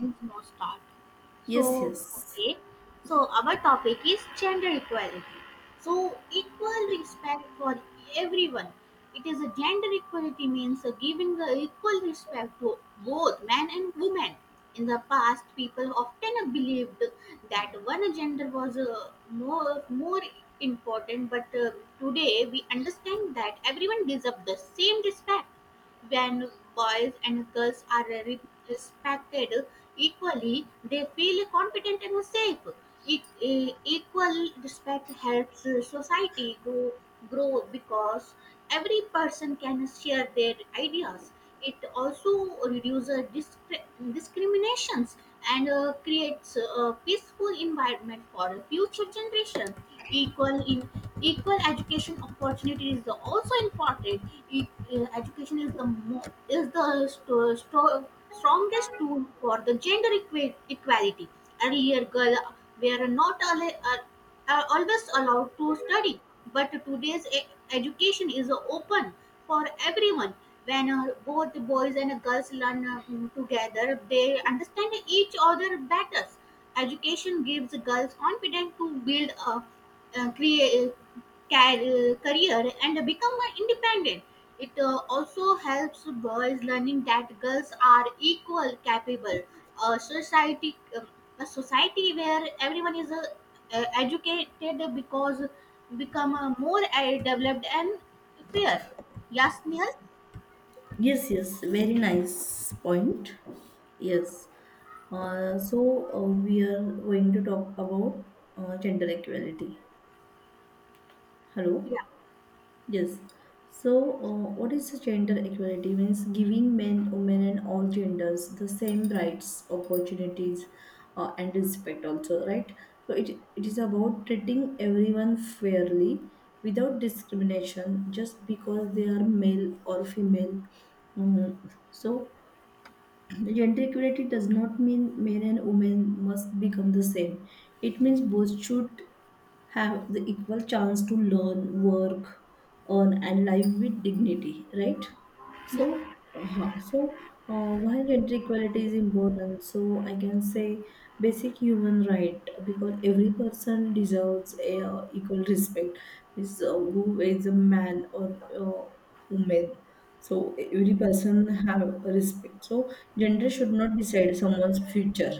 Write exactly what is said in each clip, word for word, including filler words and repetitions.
Things no start. So, Yes, yes. okay. So, our topic is gender equality. So, equal respect for everyone. It is a gender equality means a giving the equal respect to both men and women. In the past, people often believed that one gender was uh, more more important, but uh, today we understand that everyone deserves the same respect. When boys and girls are re- respected equally, they feel confident and safe. E- e- equal respect helps society grow, grow because every person can share their ideas. It also reduces discri- discriminations and uh, creates a peaceful environment for future generations. equal in Equal education opportunity is also important. E- uh, Education is the mo- is the st- st- strongest tool for the gender equa- equality. Earlier girls were not alle- uh, are always allowed to study, but today's e- education is open for everyone. When uh, both the boys and girls learn uh, together, they understand each other better. Education gives girls confidence to build a, a crea- car- career and become independent. It uh, also helps boys learning that girls are equal capable. A society, um, a society where everyone is uh, uh, educated because become uh, more uh, developed and fair. Yes, Nihal? Yes, yes. Very nice point. Yes. Uh, so uh, we are going to talk about uh, gender equality. Hello. Yeah, Yes. So, uh, what is the gender equality? Means giving men, women, and all genders the same rights, opportunities, uh, and respect, also, right? So, it, it is about treating everyone fairly without discrimination just because they are male or female. Mm, So, gender equality does not mean men and women must become the same. It means both should have the equal chance to learn, work, earn, and live with dignity, right? yeah, So, uh-huh. So, uh, why gender equality is important? So, I can say basic human right because every person deserves a, uh, equal respect, is uh, who is a man or uh, woman. So, every person have respect. So, gender should not decide someone's future.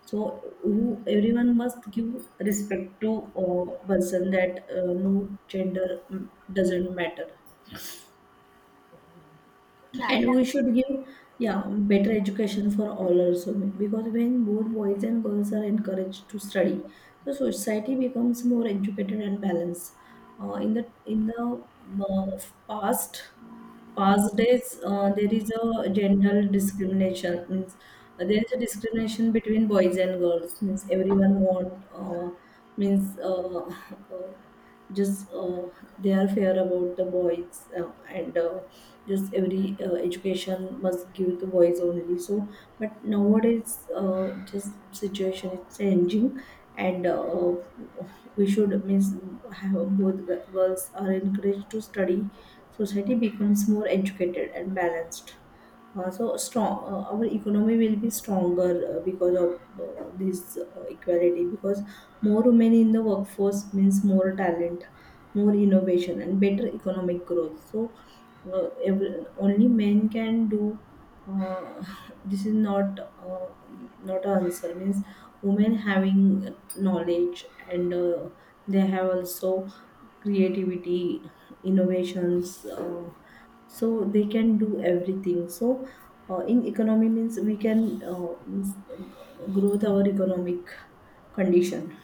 So, who everyone must give respect to a person that uh, no gender mm, doesn't matter, yeah, and yeah, we should give, yeah, better education for all also because when both boys and girls are encouraged to study the society becomes more educated and balanced uh, in the in the uh, past past days uh, there is a gender discrimination means uh, there is a discrimination between boys and girls means everyone want uh, means uh, just uh, they are fair about the boys uh, and uh, just every uh, education must give to boys only so but nowadays uh, just situation is changing and uh, we should means have both g- girls are encouraged to study society becomes more educated and balanced uh, so strong uh, our economy will be stronger uh, because of uh, this uh, equality because more women in the workforce means more talent, more innovation, and better economic growth. So, uh, every, only men can do. Uh, this is not uh, not an answer. Means women having knowledge and uh, they have also creativity, innovations. Uh, so they can do everything. So uh, in economy means we can uh, means, uh, growth our economic condition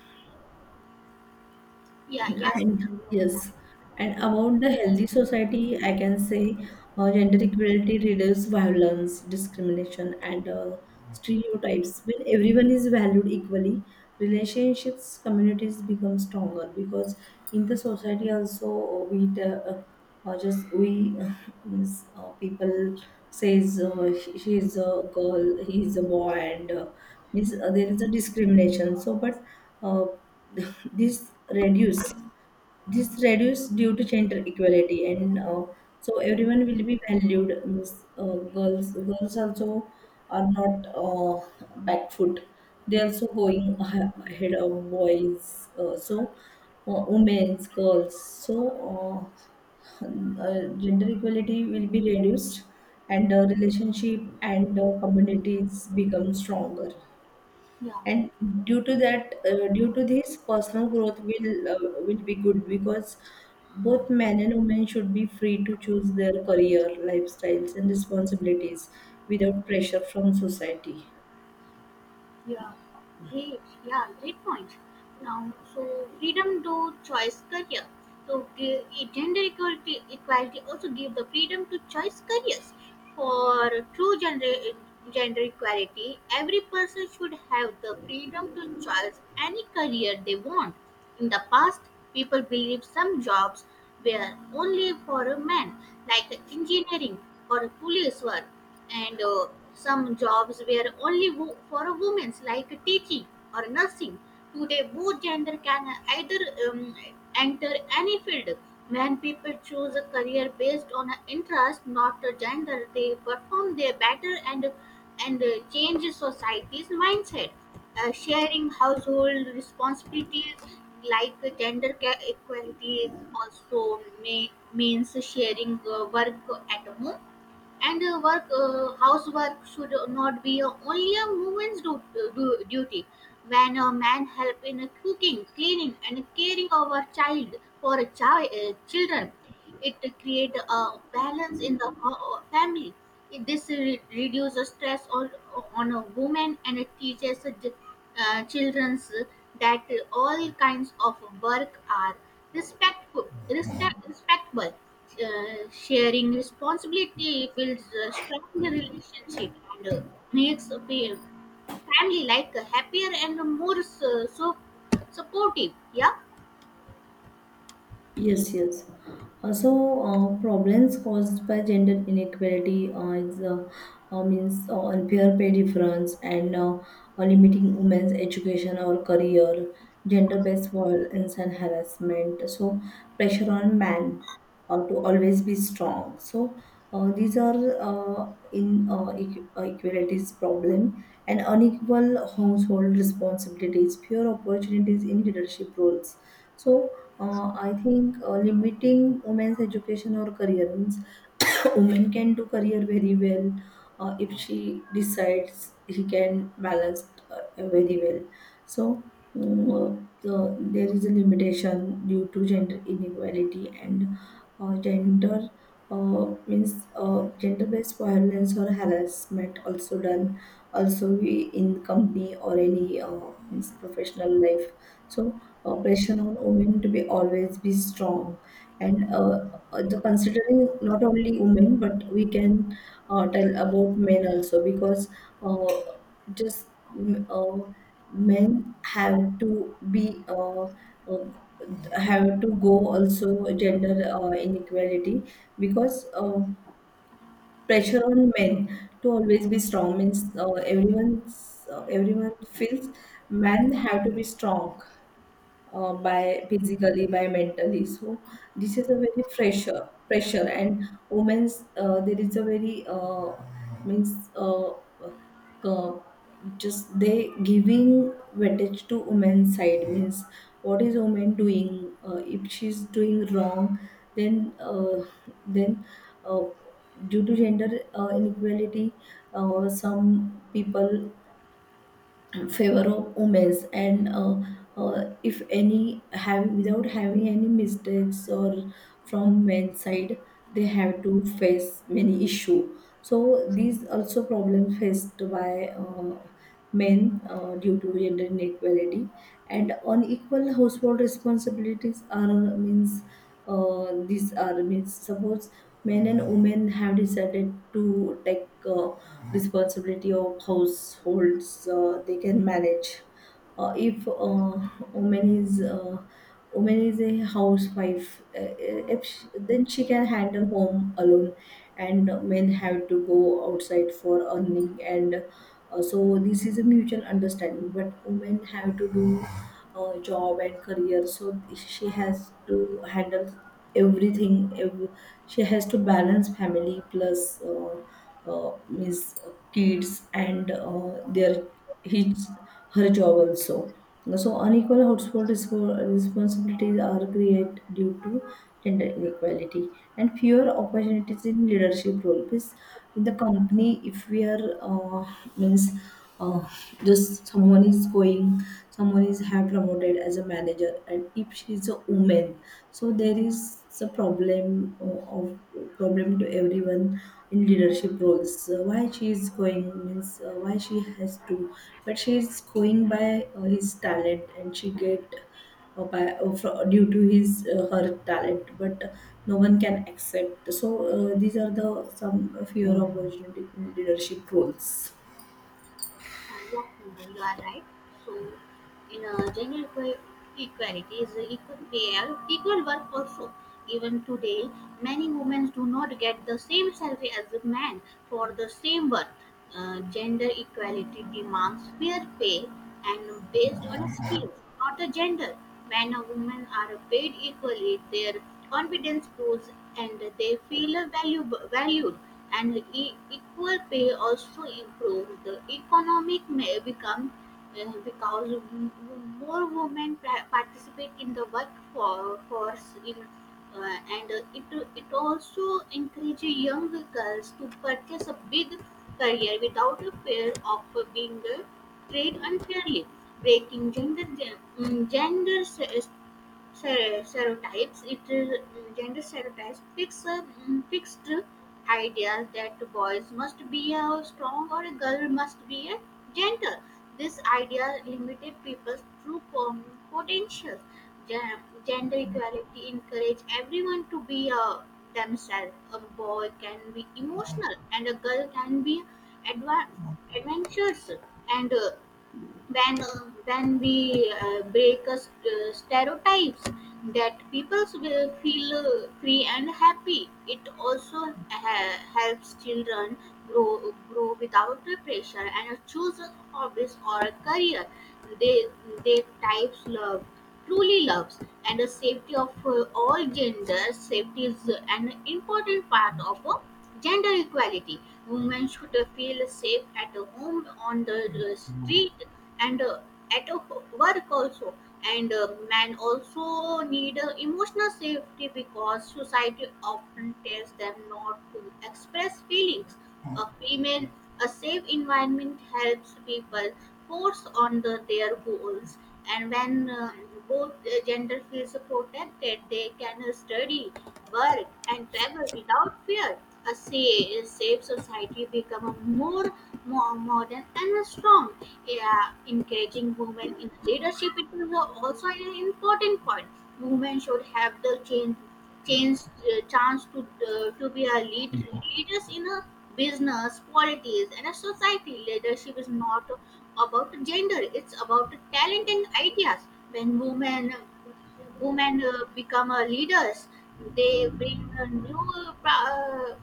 yeah, yes, and, Nihal, you're yes, right. and about the healthy society, I can say uh, gender equality reduces violence, discrimination, and uh, stereotypes. When everyone is valued equally, relationships, communities become stronger because in the society also we. Uh, or just we uh, means uh, people says uh, she, she is a girl, he is a boy, and uh, means uh, there is a discrimination so but uh, this reduce this reduce due to gender equality, and uh, so everyone will be valued. Means, uh, girls, girls also are not uh, back foot. They also going ahe- ahead of boys. Uh, so, uh, women, girls. So. Uh, uh, gender equality will be reduced and uh, relationship and uh, communities become stronger Yeah. and due to that uh, due to this personal growth will uh, will be good because both men and women should be free to choose their career lifestyles and responsibilities without pressure from society. Yeah, great. Yeah, great point. Now, so freedom to choice career. So the- a gender equality equality also give the freedom to choice careers. For true gender gender equality, every person should have the freedom to choose any career they want. In the past, people believed some jobs were only for a man, like engineering or police work, and uh, some jobs were only wo- for a women, like teaching or nursing. Today, both gender can either um, enter any field. When people choose a career based on an interest, not a gender, they perform their better and and uh, change society's mindset. Uh, sharing household responsibilities like uh, gender ca- equality is also may, means sharing uh, work at home, and uh, work uh, housework should not be uh, only a woman's du- du- duty. When a man help in uh, cooking, cleaning, and caring of a child, for a child uh, children, it create a balance in the ho- family. This re- reduces stress on, on a woman, and it teaches the uh, children that all kinds of work are respectful respect, respectable. Uh, sharing responsibility builds a stronger relationship and uh, makes a fa- family like uh, happier and more so, so supportive. Yeah, Yes, yes. Uh, so uh, problems caused by gender inequality uh, is, uh, uh, means uh, unfair pay difference and uh, uh, limiting women's education or career, gender-based violence and harassment. So pressure on men uh, to always be strong. So uh, these are uh, in uh, equ- uh, equalities problem and unequal household responsibilities, fewer opportunities in leadership roles. So uh, I think uh, limiting women's education or career means women can do career very well uh, if she decides she can balance uh, very well. So um, the, there is a limitation due to gender inequality and uh, gender uh, means uh, gender-based violence or harassment also done also we in company or any uh, means professional life. So uh, pressure on women to be always be strong and uh, uh, the considering not only women but we can uh, tell about men also because uh, just mm, uh, men have to be uh, uh, have to go also gender uh, inequality because uh, pressure on men to always be strong means uh, everyone's uh, everyone feels men have to be strong uh, by physically by mentally so this is a very pressure pressure and women's uh, there is a very uh, means uh, uh, just they giving weightage to women's side means what is woman doing uh, if she's doing wrong then uh, then uh, due to gender uh, inequality uh, some people favor of omens and uh, uh, if any have without having any mistakes or from men's side they have to face many issue so these also problems faced by uh, men uh, due to gender inequality and unequal household responsibilities are means uh, these are means suppose men and women have decided to take uh, responsibility of households uh, they can manage uh, if uh, woman is uh, woman is a housewife uh, uh, if she, then she can handle home alone and men have to go outside for earning and uh, so this is a mutual understanding but women have to do uh, job and career so she has to handle everything ev she has to balance family plus uh, uh, means uh, kids and uh, their his her job also. So unequal household respo- responsibilities are created due to gender inequality and fewer opportunities in leadership role. Because in the company, if we are uh, means uh, just someone is going someone is have promoted as a manager and if she is a woman so there is a problem uh, of problem to everyone in leadership roles. So why she is going means uh, why she has to but she is going by uh, his talent and she get uh, by uh, fro- due to his uh, her talent but no one can accept so uh, these are the some fewer opportunity in leadership roles. uh, yeah, Sundar, you are right. So, in uh, gender equa- equality is uh, equal pay, and equal work also. Even today, many women do not get the same salary as a man for the same work. Uh, gender equality demands fair pay and based on a skill, not a gender. Men and women are paid equally, their confidence grows, and they feel valuable, valued. And e- equal pay also improves the economic may become uh, because w- w- more women pa- participate in the workforce in uh, and uh, it it also encourages young girls to purchase a big career without a fear of being uh, treat unfairly. Breaking gender gen- mm, gender se- se- stereotypes, it uh, mm, gender stereotypes fix uh, mm, fixed ideas that boys must be a strong or a girl must be a gentle. This idea limited people's true po- potential. Gen- gender equality encourage everyone to be uh, themselves. A boy can be emotional, and a girl can be adva- adventurous. And uh, When when we uh, break uh, st- stereotypes, that people will feel uh, free and happy. It also ha- helps children grow grow without pressure and choose hobbies or career they they types love truly loves, and the safety of uh, all genders. Safety is uh, an important part of uh, gender equality. Women should uh, feel safe at home, on the uh, street, and uh, at uh, work also. And uh, men also need uh, emotional safety because society often tells them not to express feelings. a female, a safe environment helps people focus on the, their goals, and when uh, both uh, gender feels protected, they can study, work, and travel without fear. A sa- safe society become a more, more modern and a strong. Yeah, encouraging women in leadership, it is also an important point. Women should have the change chance uh, chance to uh, to be a leader, leaders in a business, politics, and a society. Leadership is not about gender, it's about talent and ideas. When women women uh, become uh, leaders, they bring a new uh, pro- uh,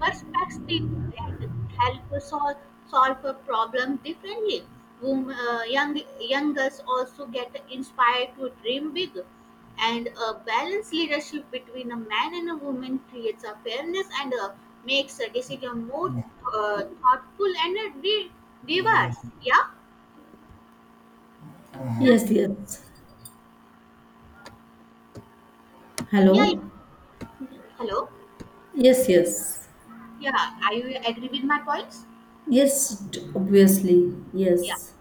Perspex that help solve solve a problem differently. Wom- uh, Young Youngers also get inspired to dream big, and a balanced leadership between a man and a woman creates a fairness and uh, makes a decision more uh, thoughtful and uh, di- diverse. Yeah, yes, Yes, yes. yeah. Hello? Yeah. Hello. Yes, yes. Yeah, are you agree with my points? Yes, d- obviously. Yeah, Yes.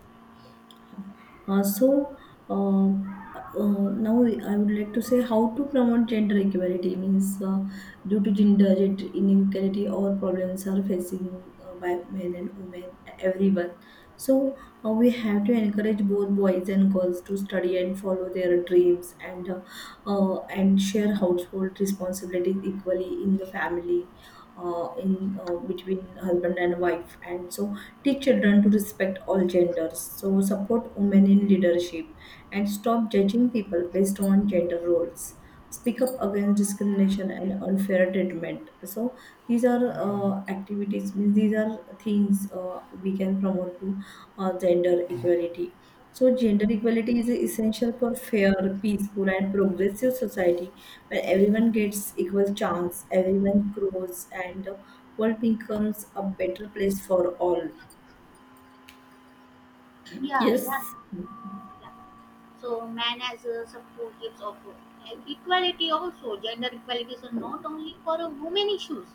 Uh, so, uh, uh, now I would like to say how to promote gender equality means uh, due to gender, gender inequality all problems are facing uh, by men and women, everyone. So, uh, we have to encourage both boys and girls to study and follow their dreams and uh, uh, and share household responsibilities equally in the family uh, in uh, between husband and wife and so teach children to respect all genders so support women in leadership and stop judging people based on gender roles, speak up against discrimination and unfair treatment so these are uh, activities means these are things uh, we can promote to uh, gender equality. So, gender equality is essential for fair, peaceful, and progressive society where everyone gets equal chance, everyone grows, and the world becomes a better place for all. yeah, yes. Yes, Yeah. So man has uh, support groups of uh, equality also. Gender equality is not only for uh, women issues,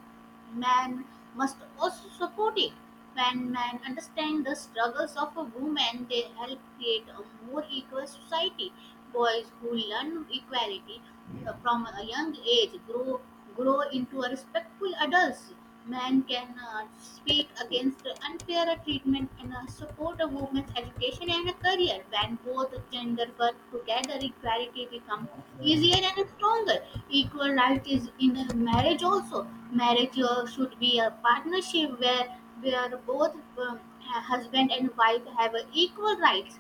man must also support it. When men understand the struggles of a woman, they help create a more equal society. Boys who learn equality uh, from a young age grow grow into a respectful adults. Man can uh, speak against unfair treatment and uh, support a woman's education and a career. When both gender work together, equality becomes easier and stronger. Equal right is in a marriage also. Marriage uh, should be a partnership where where both um, husband and wife have uh, equal rights.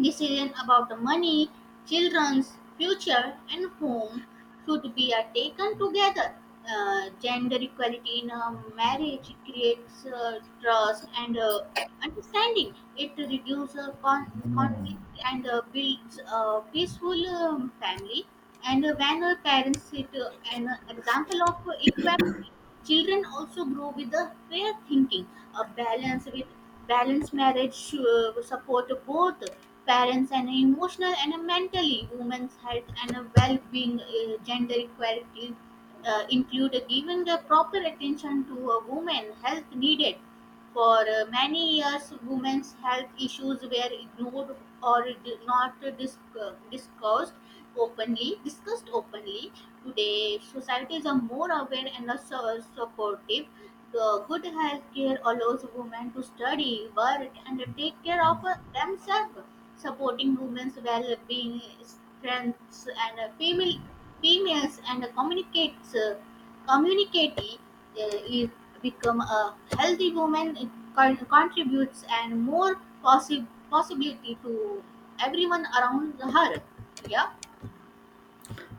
Decision about the money, children's future, and home should be uh, taken together. Uh, gender equality in a marriage creates uh, trust and uh, understanding. It reduces uh, con- conflict and uh, builds a peaceful um, family. And uh, when uh, parents set uh, an example of equality, children also grow with a fair thinking. A balance with balanced marriage should support both parents, and emotional and mentally women's health and well-being. Uh, gender equality uh, include giving the proper attention to a woman health needed. For uh, many years, women's health issues were ignored or did not dis- uh, discussed openly discussed openly. Today, societies are more aware and are so supportive. The good health care allows women to study, work, and take care of themselves, supporting women's well being, strengths, and female, females, and communicates, community uh, is become a healthy woman con- contributes and more possi- possibility to everyone around her. Yeah.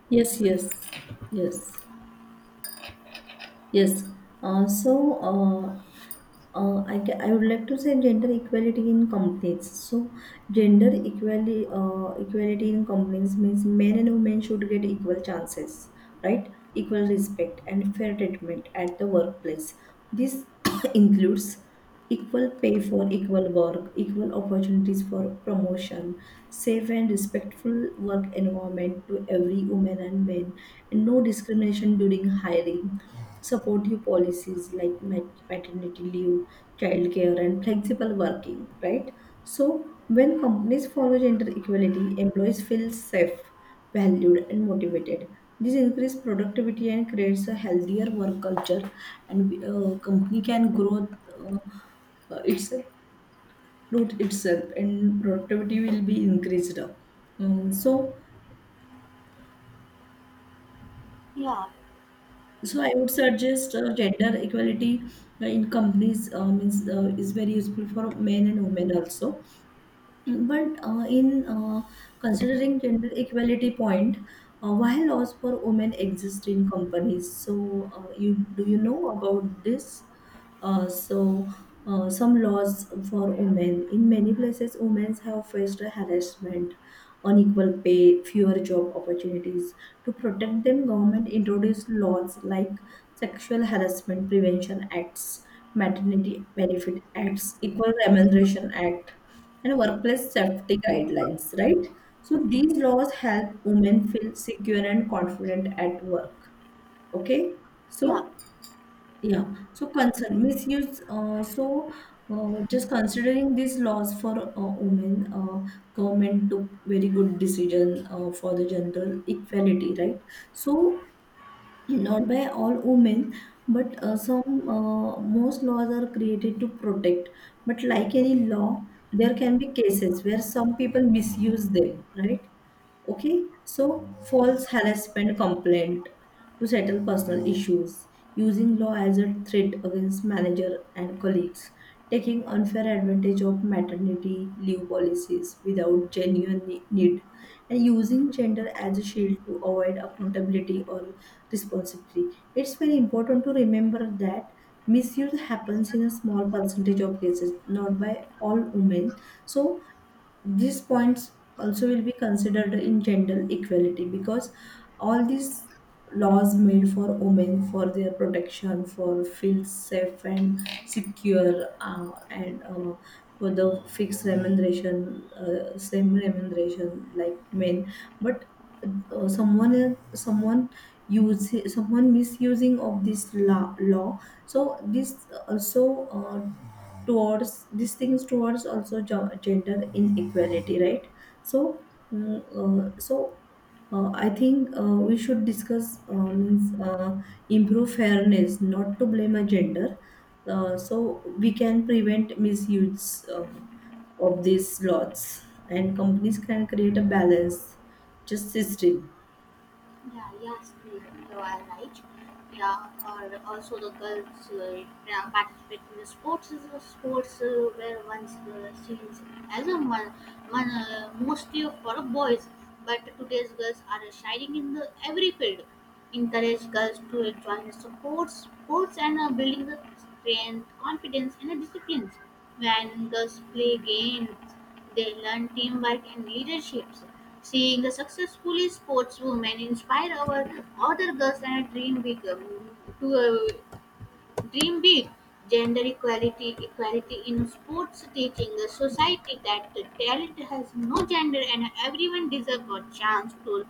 yes, yes, yes. Yes. Uh, so, uh, uh, I, ca- I would like to say gender equality in companies. So, gender equality, uh, equality in companies means men and women should get equal chances, right? Equal respect and fair treatment at the workplace. This includes equal pay for equal work, equal opportunities for promotion, safe and respectful work environment to every woman and man, and no discrimination during hiring, supportive policies like mat- maternity leave, childcare, and flexible working, right? So, when companies follow gender equality, employees feel safe, valued, and motivated. This increases productivity and creates a healthier work culture, and uh, company can grow uh, uh, its root itself, and productivity will be increased. Mm, so, Yeah, so I would suggest uh, gender equality uh, in companies uh, means uh, is very useful for men and women also. But uh, in uh, considering gender equality point, uh, why laws for women exist in companies? So uh, you do you know about this? Uh, so, uh, some laws for women. In many places, women have faced harassment, unequal pay, fewer job opportunities. To protect them, government introduced laws like Sexual Harassment Prevention Acts, Maternity Benefit Acts, Equal Remuneration Act, and Workplace Safety Guidelines. Right. So these laws help women feel secure and confident at work. Okay. yeah. So yeah. So concern misuse. Uh, so uh, just considering these laws for uh, women, uh, government took very good decision uh, for the gender equality, right? So not by all women, but uh, some uh, most laws are created to protect. But like any law, there can be cases where some people misuse them, right? Okay, so false harassment complaint to settle personal issues, using law as a threat against manager and colleagues, taking unfair advantage of maternity leave policies without genuine ne- need, and using gender as a shield to avoid accountability or responsibility. It's very important to remember that misuse happens in a small percentage of cases, not by all women. So these points also will be considered in gender equality because all these laws made for women for their protection for feel safe and secure uh, and uh, for the fixed remuneration uh, same remuneration like men but uh, someone else- someone use someone misusing of this law, law so this also uh, towards these things towards also jo- gender inequality, right? So mm, uh, so uh, I think uh, we should discuss uh, means, uh, improve fairness, not to blame a gender. Uh, so we can prevent misuse uh, of these laws, and companies can create a balance just system. Yeah, yes, you you are right. Yeah, or also the girls uh, yeah, participate in the sports is a sports uh, where once uh, seen as a man, man uh, mostly for boys, but today's girls are shining in the every field. Encourage girls to join sports, sports and uh, building the strength, confidence, and uh, disciplines. When girls play games, they learn teamwork and leaderships. Seeing the successfully sportswomen inspire our other girls and uh, dream big. um, To uh, dream big, gender equality, equality in sports teaching a society that the talent has no gender, and everyone deserves a chance to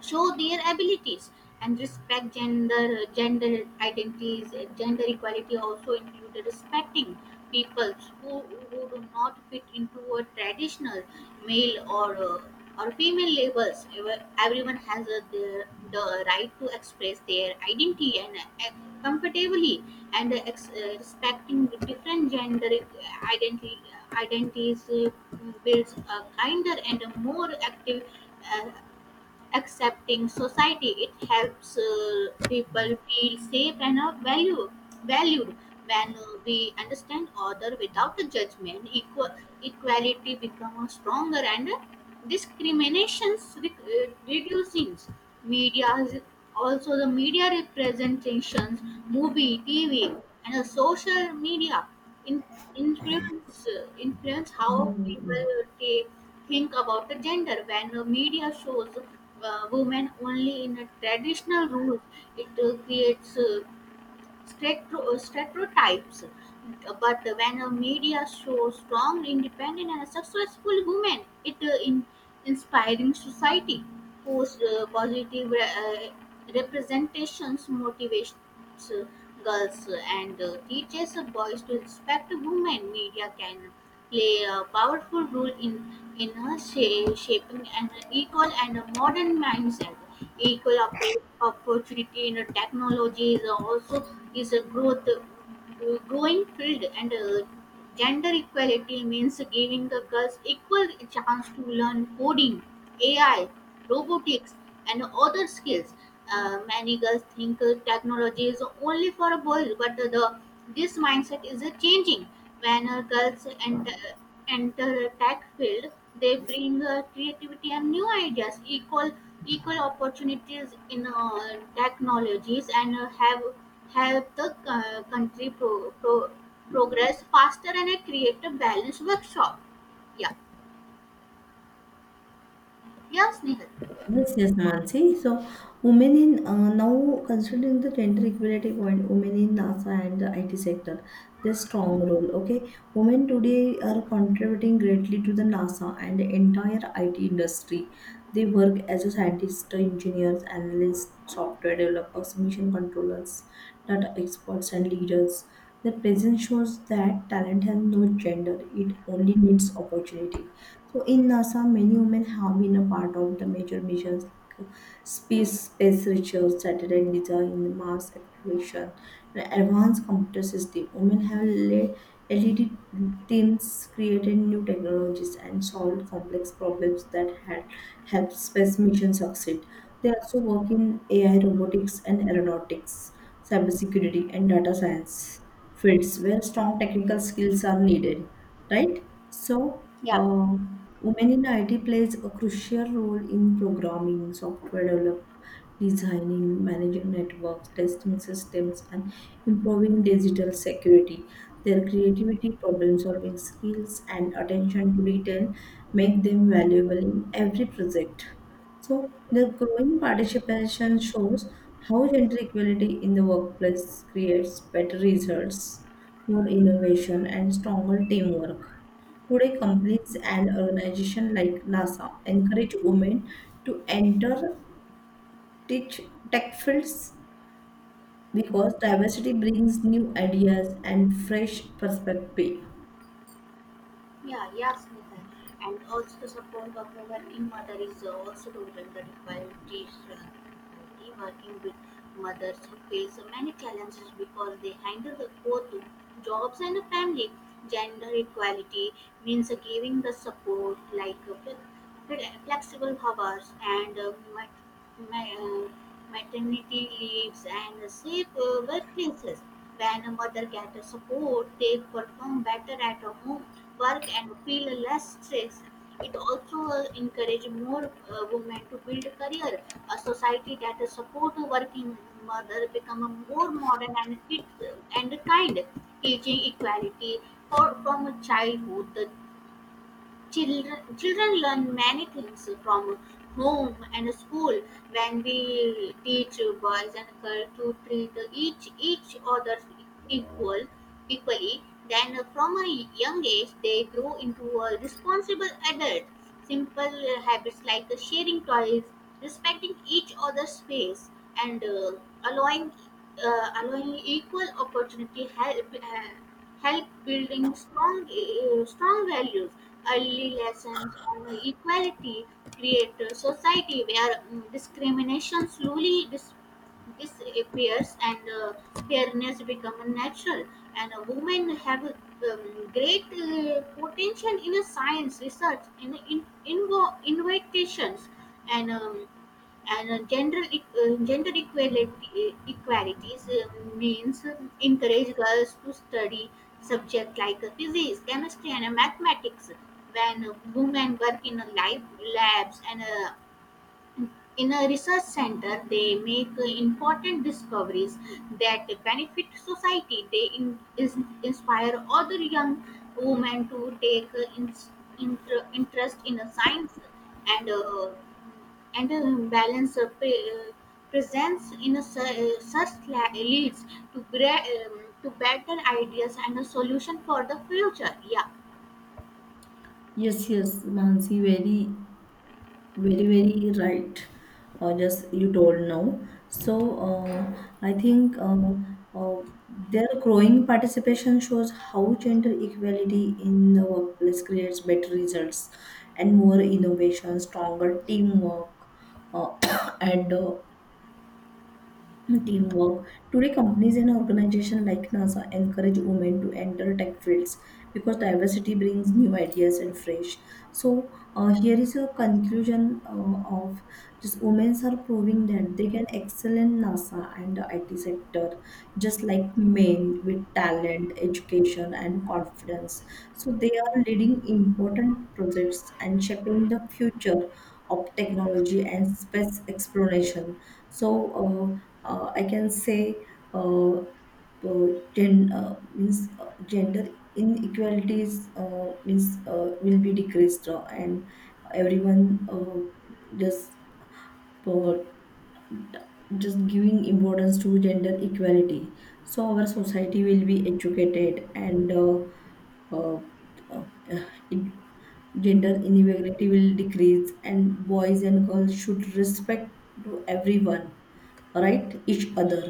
show their abilities and respect gender gender identities. Gender equality also included respecting people who, who do not fit into a traditional male or uh, or female labels. Ever- everyone has a, their, the right to express their identity and uh, comfortably, and uh, ex- uh, respecting the different gender identity identities uh, builds a kinder and a more active, uh, accepting society. It helps uh, people feel safe and are value, valued. When uh, we understand other without a judgment, equal, equality becomes stronger and uh, discriminations re- uh, reducing. Media is- also, the media representations, movie, T V, and uh, social media in, influence uh, influence how people take, think about the gender. When the media shows uh, women only in a traditional role, it uh, creates uh, stratro- stereotypes, but when a media shows strong, independent, and successful women, it uh, in inspiring society. Post uh, Positive uh, representations motivates uh, girls and uh, teaches boys to respect women. Media can play a powerful role in in a sha- shaping an equal and a modern mindset. Equal oppor- opportunity in a technology is also is a growth uh, growing field, and uh, gender equality means giving the girls equal chance to learn coding, ai, robotics, and other skills. Uh, many girls think uh, technology is only for boys, but the, the this mindset is uh, changing. When uh, girls enter, enter tech field, they bring uh, creativity and new ideas. Equal equal opportunities in uh, technologies, and uh, have help the uh, country pro, pro, progress faster and uh, create a balanced workshop. Yeah, yes, Nihal. Yes, yes, Mansi. So, women in uh, now considering the gender equality point, women in NASA and the I T sector, their strong role. Okay, women today are contributing greatly to the NASA and the entire I T industry. They work as a scientist, engineers, analysts, software developers, mission controllers, data experts, and leaders. Their presence shows that talent has no gender; it only needs opportunity. So in NASA, many women have been a part of the major missions like uh, space, space research, satellite design, Mars exploration, and advanced computer system. Women have led L E D teams, created new technologies, and solved complex problems that had helped space mission succeed. They also work in A I, robotics, and aeronautics, cybersecurity, and data science, fields where strong technical skills are needed, right? So, uh, women in I T plays a crucial role in programming, software development, designing, managing networks, testing systems, and improving digital security. Their creativity, problem solving skills, and attention to detail make them valuable in every project. So, the growing participation shows how gender equality in the workplace creates better results, more innovation, and stronger teamwork. Today, companies and organizations like NASA encourage women to enter teach tech fields because diversity brings new ideas and fresh perspective. Yeah, yes, Smita. And also the support of a working mother is uh, also provided by parents, the working with mothers who face many challenges because they handle the both jobs and a family. Gender equality means uh, giving the support like uh, fle- fle- flexible hours and uh, mat- ma- uh, maternity leaves and uh, safe uh, workplaces. When a mother gets support, they perform better at home work and feel less stress. It also uh, encourage more uh, women to build career. A society that support working mother become more modern and fit and kind, teaching equality for, from childhood. The Children, children learn many things from home and school. When we teach boys and girls to treat each each other equal equally, then from a young age they grow into a responsible adult. Simple habits like sharing toys, respecting each other's space, and uh, allowing uh, allowing equal opportunity help. Uh, help building strong uh, strong values. Early lessons on equality create a society where mm, discrimination slowly dis- disappears, and uh, fairness becomes natural. And uh, women have um, great uh, potential in a science research, in, in invo- innovations, and um, and uh, gender equ- uh, gender equality equalities uh, means encourage girls to study subjects like uh, physics, chemistry, and uh, mathematics. When uh, women work in uh, live labs and uh, in a research center, they make uh, important discoveries that benefit society. They in, is, inspire other young women to take uh, in, inter, interest in uh, science, and uh, and uh, balance uh, pre- uh, presence in a su- uh, such la- leads to gra- um, to better ideas and a solution for the future. Yeah, Yes, yes, Mansi, very very very right. Uh, just you told now, so uh, i think uh, uh, their growing participation shows how gender equality in the workplace creates better results and more innovation, stronger teamwork, uh, and uh, teamwork. Today, companies and organizations like NASA encourage women to enter tech fields because diversity brings new ideas and fresh. So, uh, here is a conclusion uh, of, just women are proving that they can excel in NASA and the I T sector, just like men, with talent, education, and confidence. So, they are leading important projects and shaping the future of technology and space exploration. So, uh, uh, I can say uh, uh, gen, uh, means, uh, gender inequalities, uh, means, uh, will be decreased, uh, and everyone, uh, just uh, just giving importance to gender equality, so our society will be educated, and uh, uh, uh, it, gender inequality will decrease, and boys and girls should respect to everyone, right? each other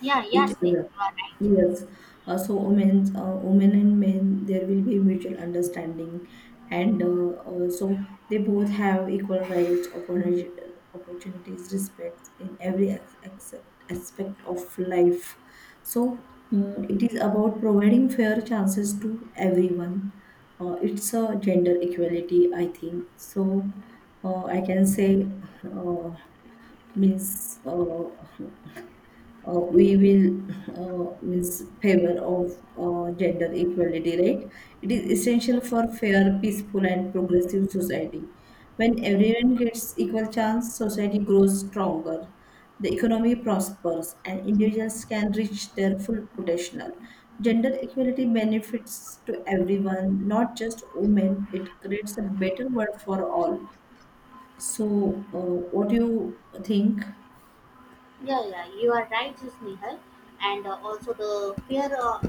yeah, Each yes, Neha, other. you are right. Yes, uh, so women, uh, women and men, there will be mutual understanding, and uh, uh, so they both have equal rights, opportuni- opportunities, respect in every ex- except aspect of life. So mm, it is about providing fair chances to everyone. Uh, it's a gender equality, I think. So uh, I can say, uh, means. Uh, uh, we will, uh, means favor of uh, gender equality, right? It is essential for fair, peaceful and progressive society. When everyone gets equal chance, society grows stronger, the economy prospers, and individuals can reach their full potential. Gender equality benefits to everyone, not just women. It creates a better world for all. So uh, what do you think? Yeah, yeah, you are right, just and uh, also the fear, uh,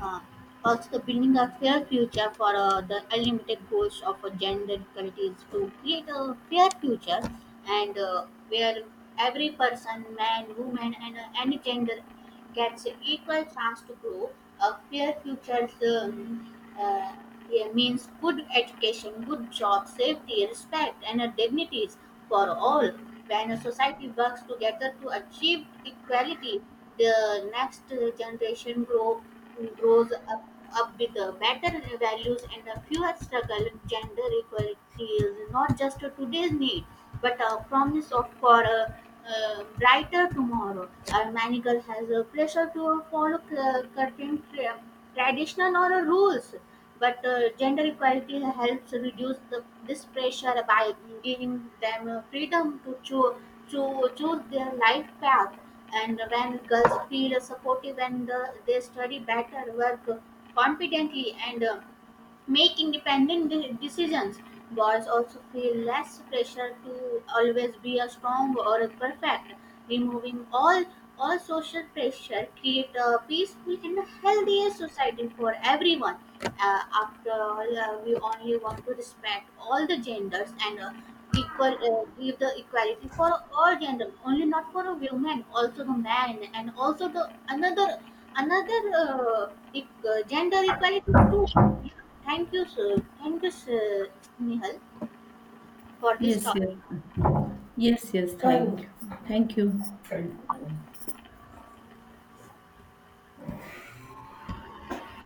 uh, also the building a fair future for uh, the unlimited goals of uh, gender equality is to create a fair future, and uh, where every person, man, woman, and uh, any gender gets an equal chance to grow. A fair future um, uh, yeah, means good education, good job, safety, respect, and uh, dignities for all. When a society works together to achieve equality, the next uh, generation grow, grows up, up with uh, better values and a fewer struggle. Gender equality is not just today's need but a promise of for a uh, brighter tomorrow. Our manager has a pressure to follow c- certain tra- traditional or uh, rules, but uh, gender equality helps reduce the, this pressure by giving them uh, freedom to choose to choose their life path. And when girls feel supportive and uh, they study better, work confidently, and uh, make independent de- decisions. Boys also feel less pressure to always be a strong or a perfect. Removing all all social pressure create a peaceful and a healthier society for everyone. Uh, after all, uh, we only want to respect all the genders and uh, equal uh, give the equality for all gender, only not for a woman, also the man, and also the another another uh, e- uh, gender equality too. Thank you, sir. Thank you, sir, Nihal, for this Yes, talk. yes. Yes, yes, thank you. Thank you.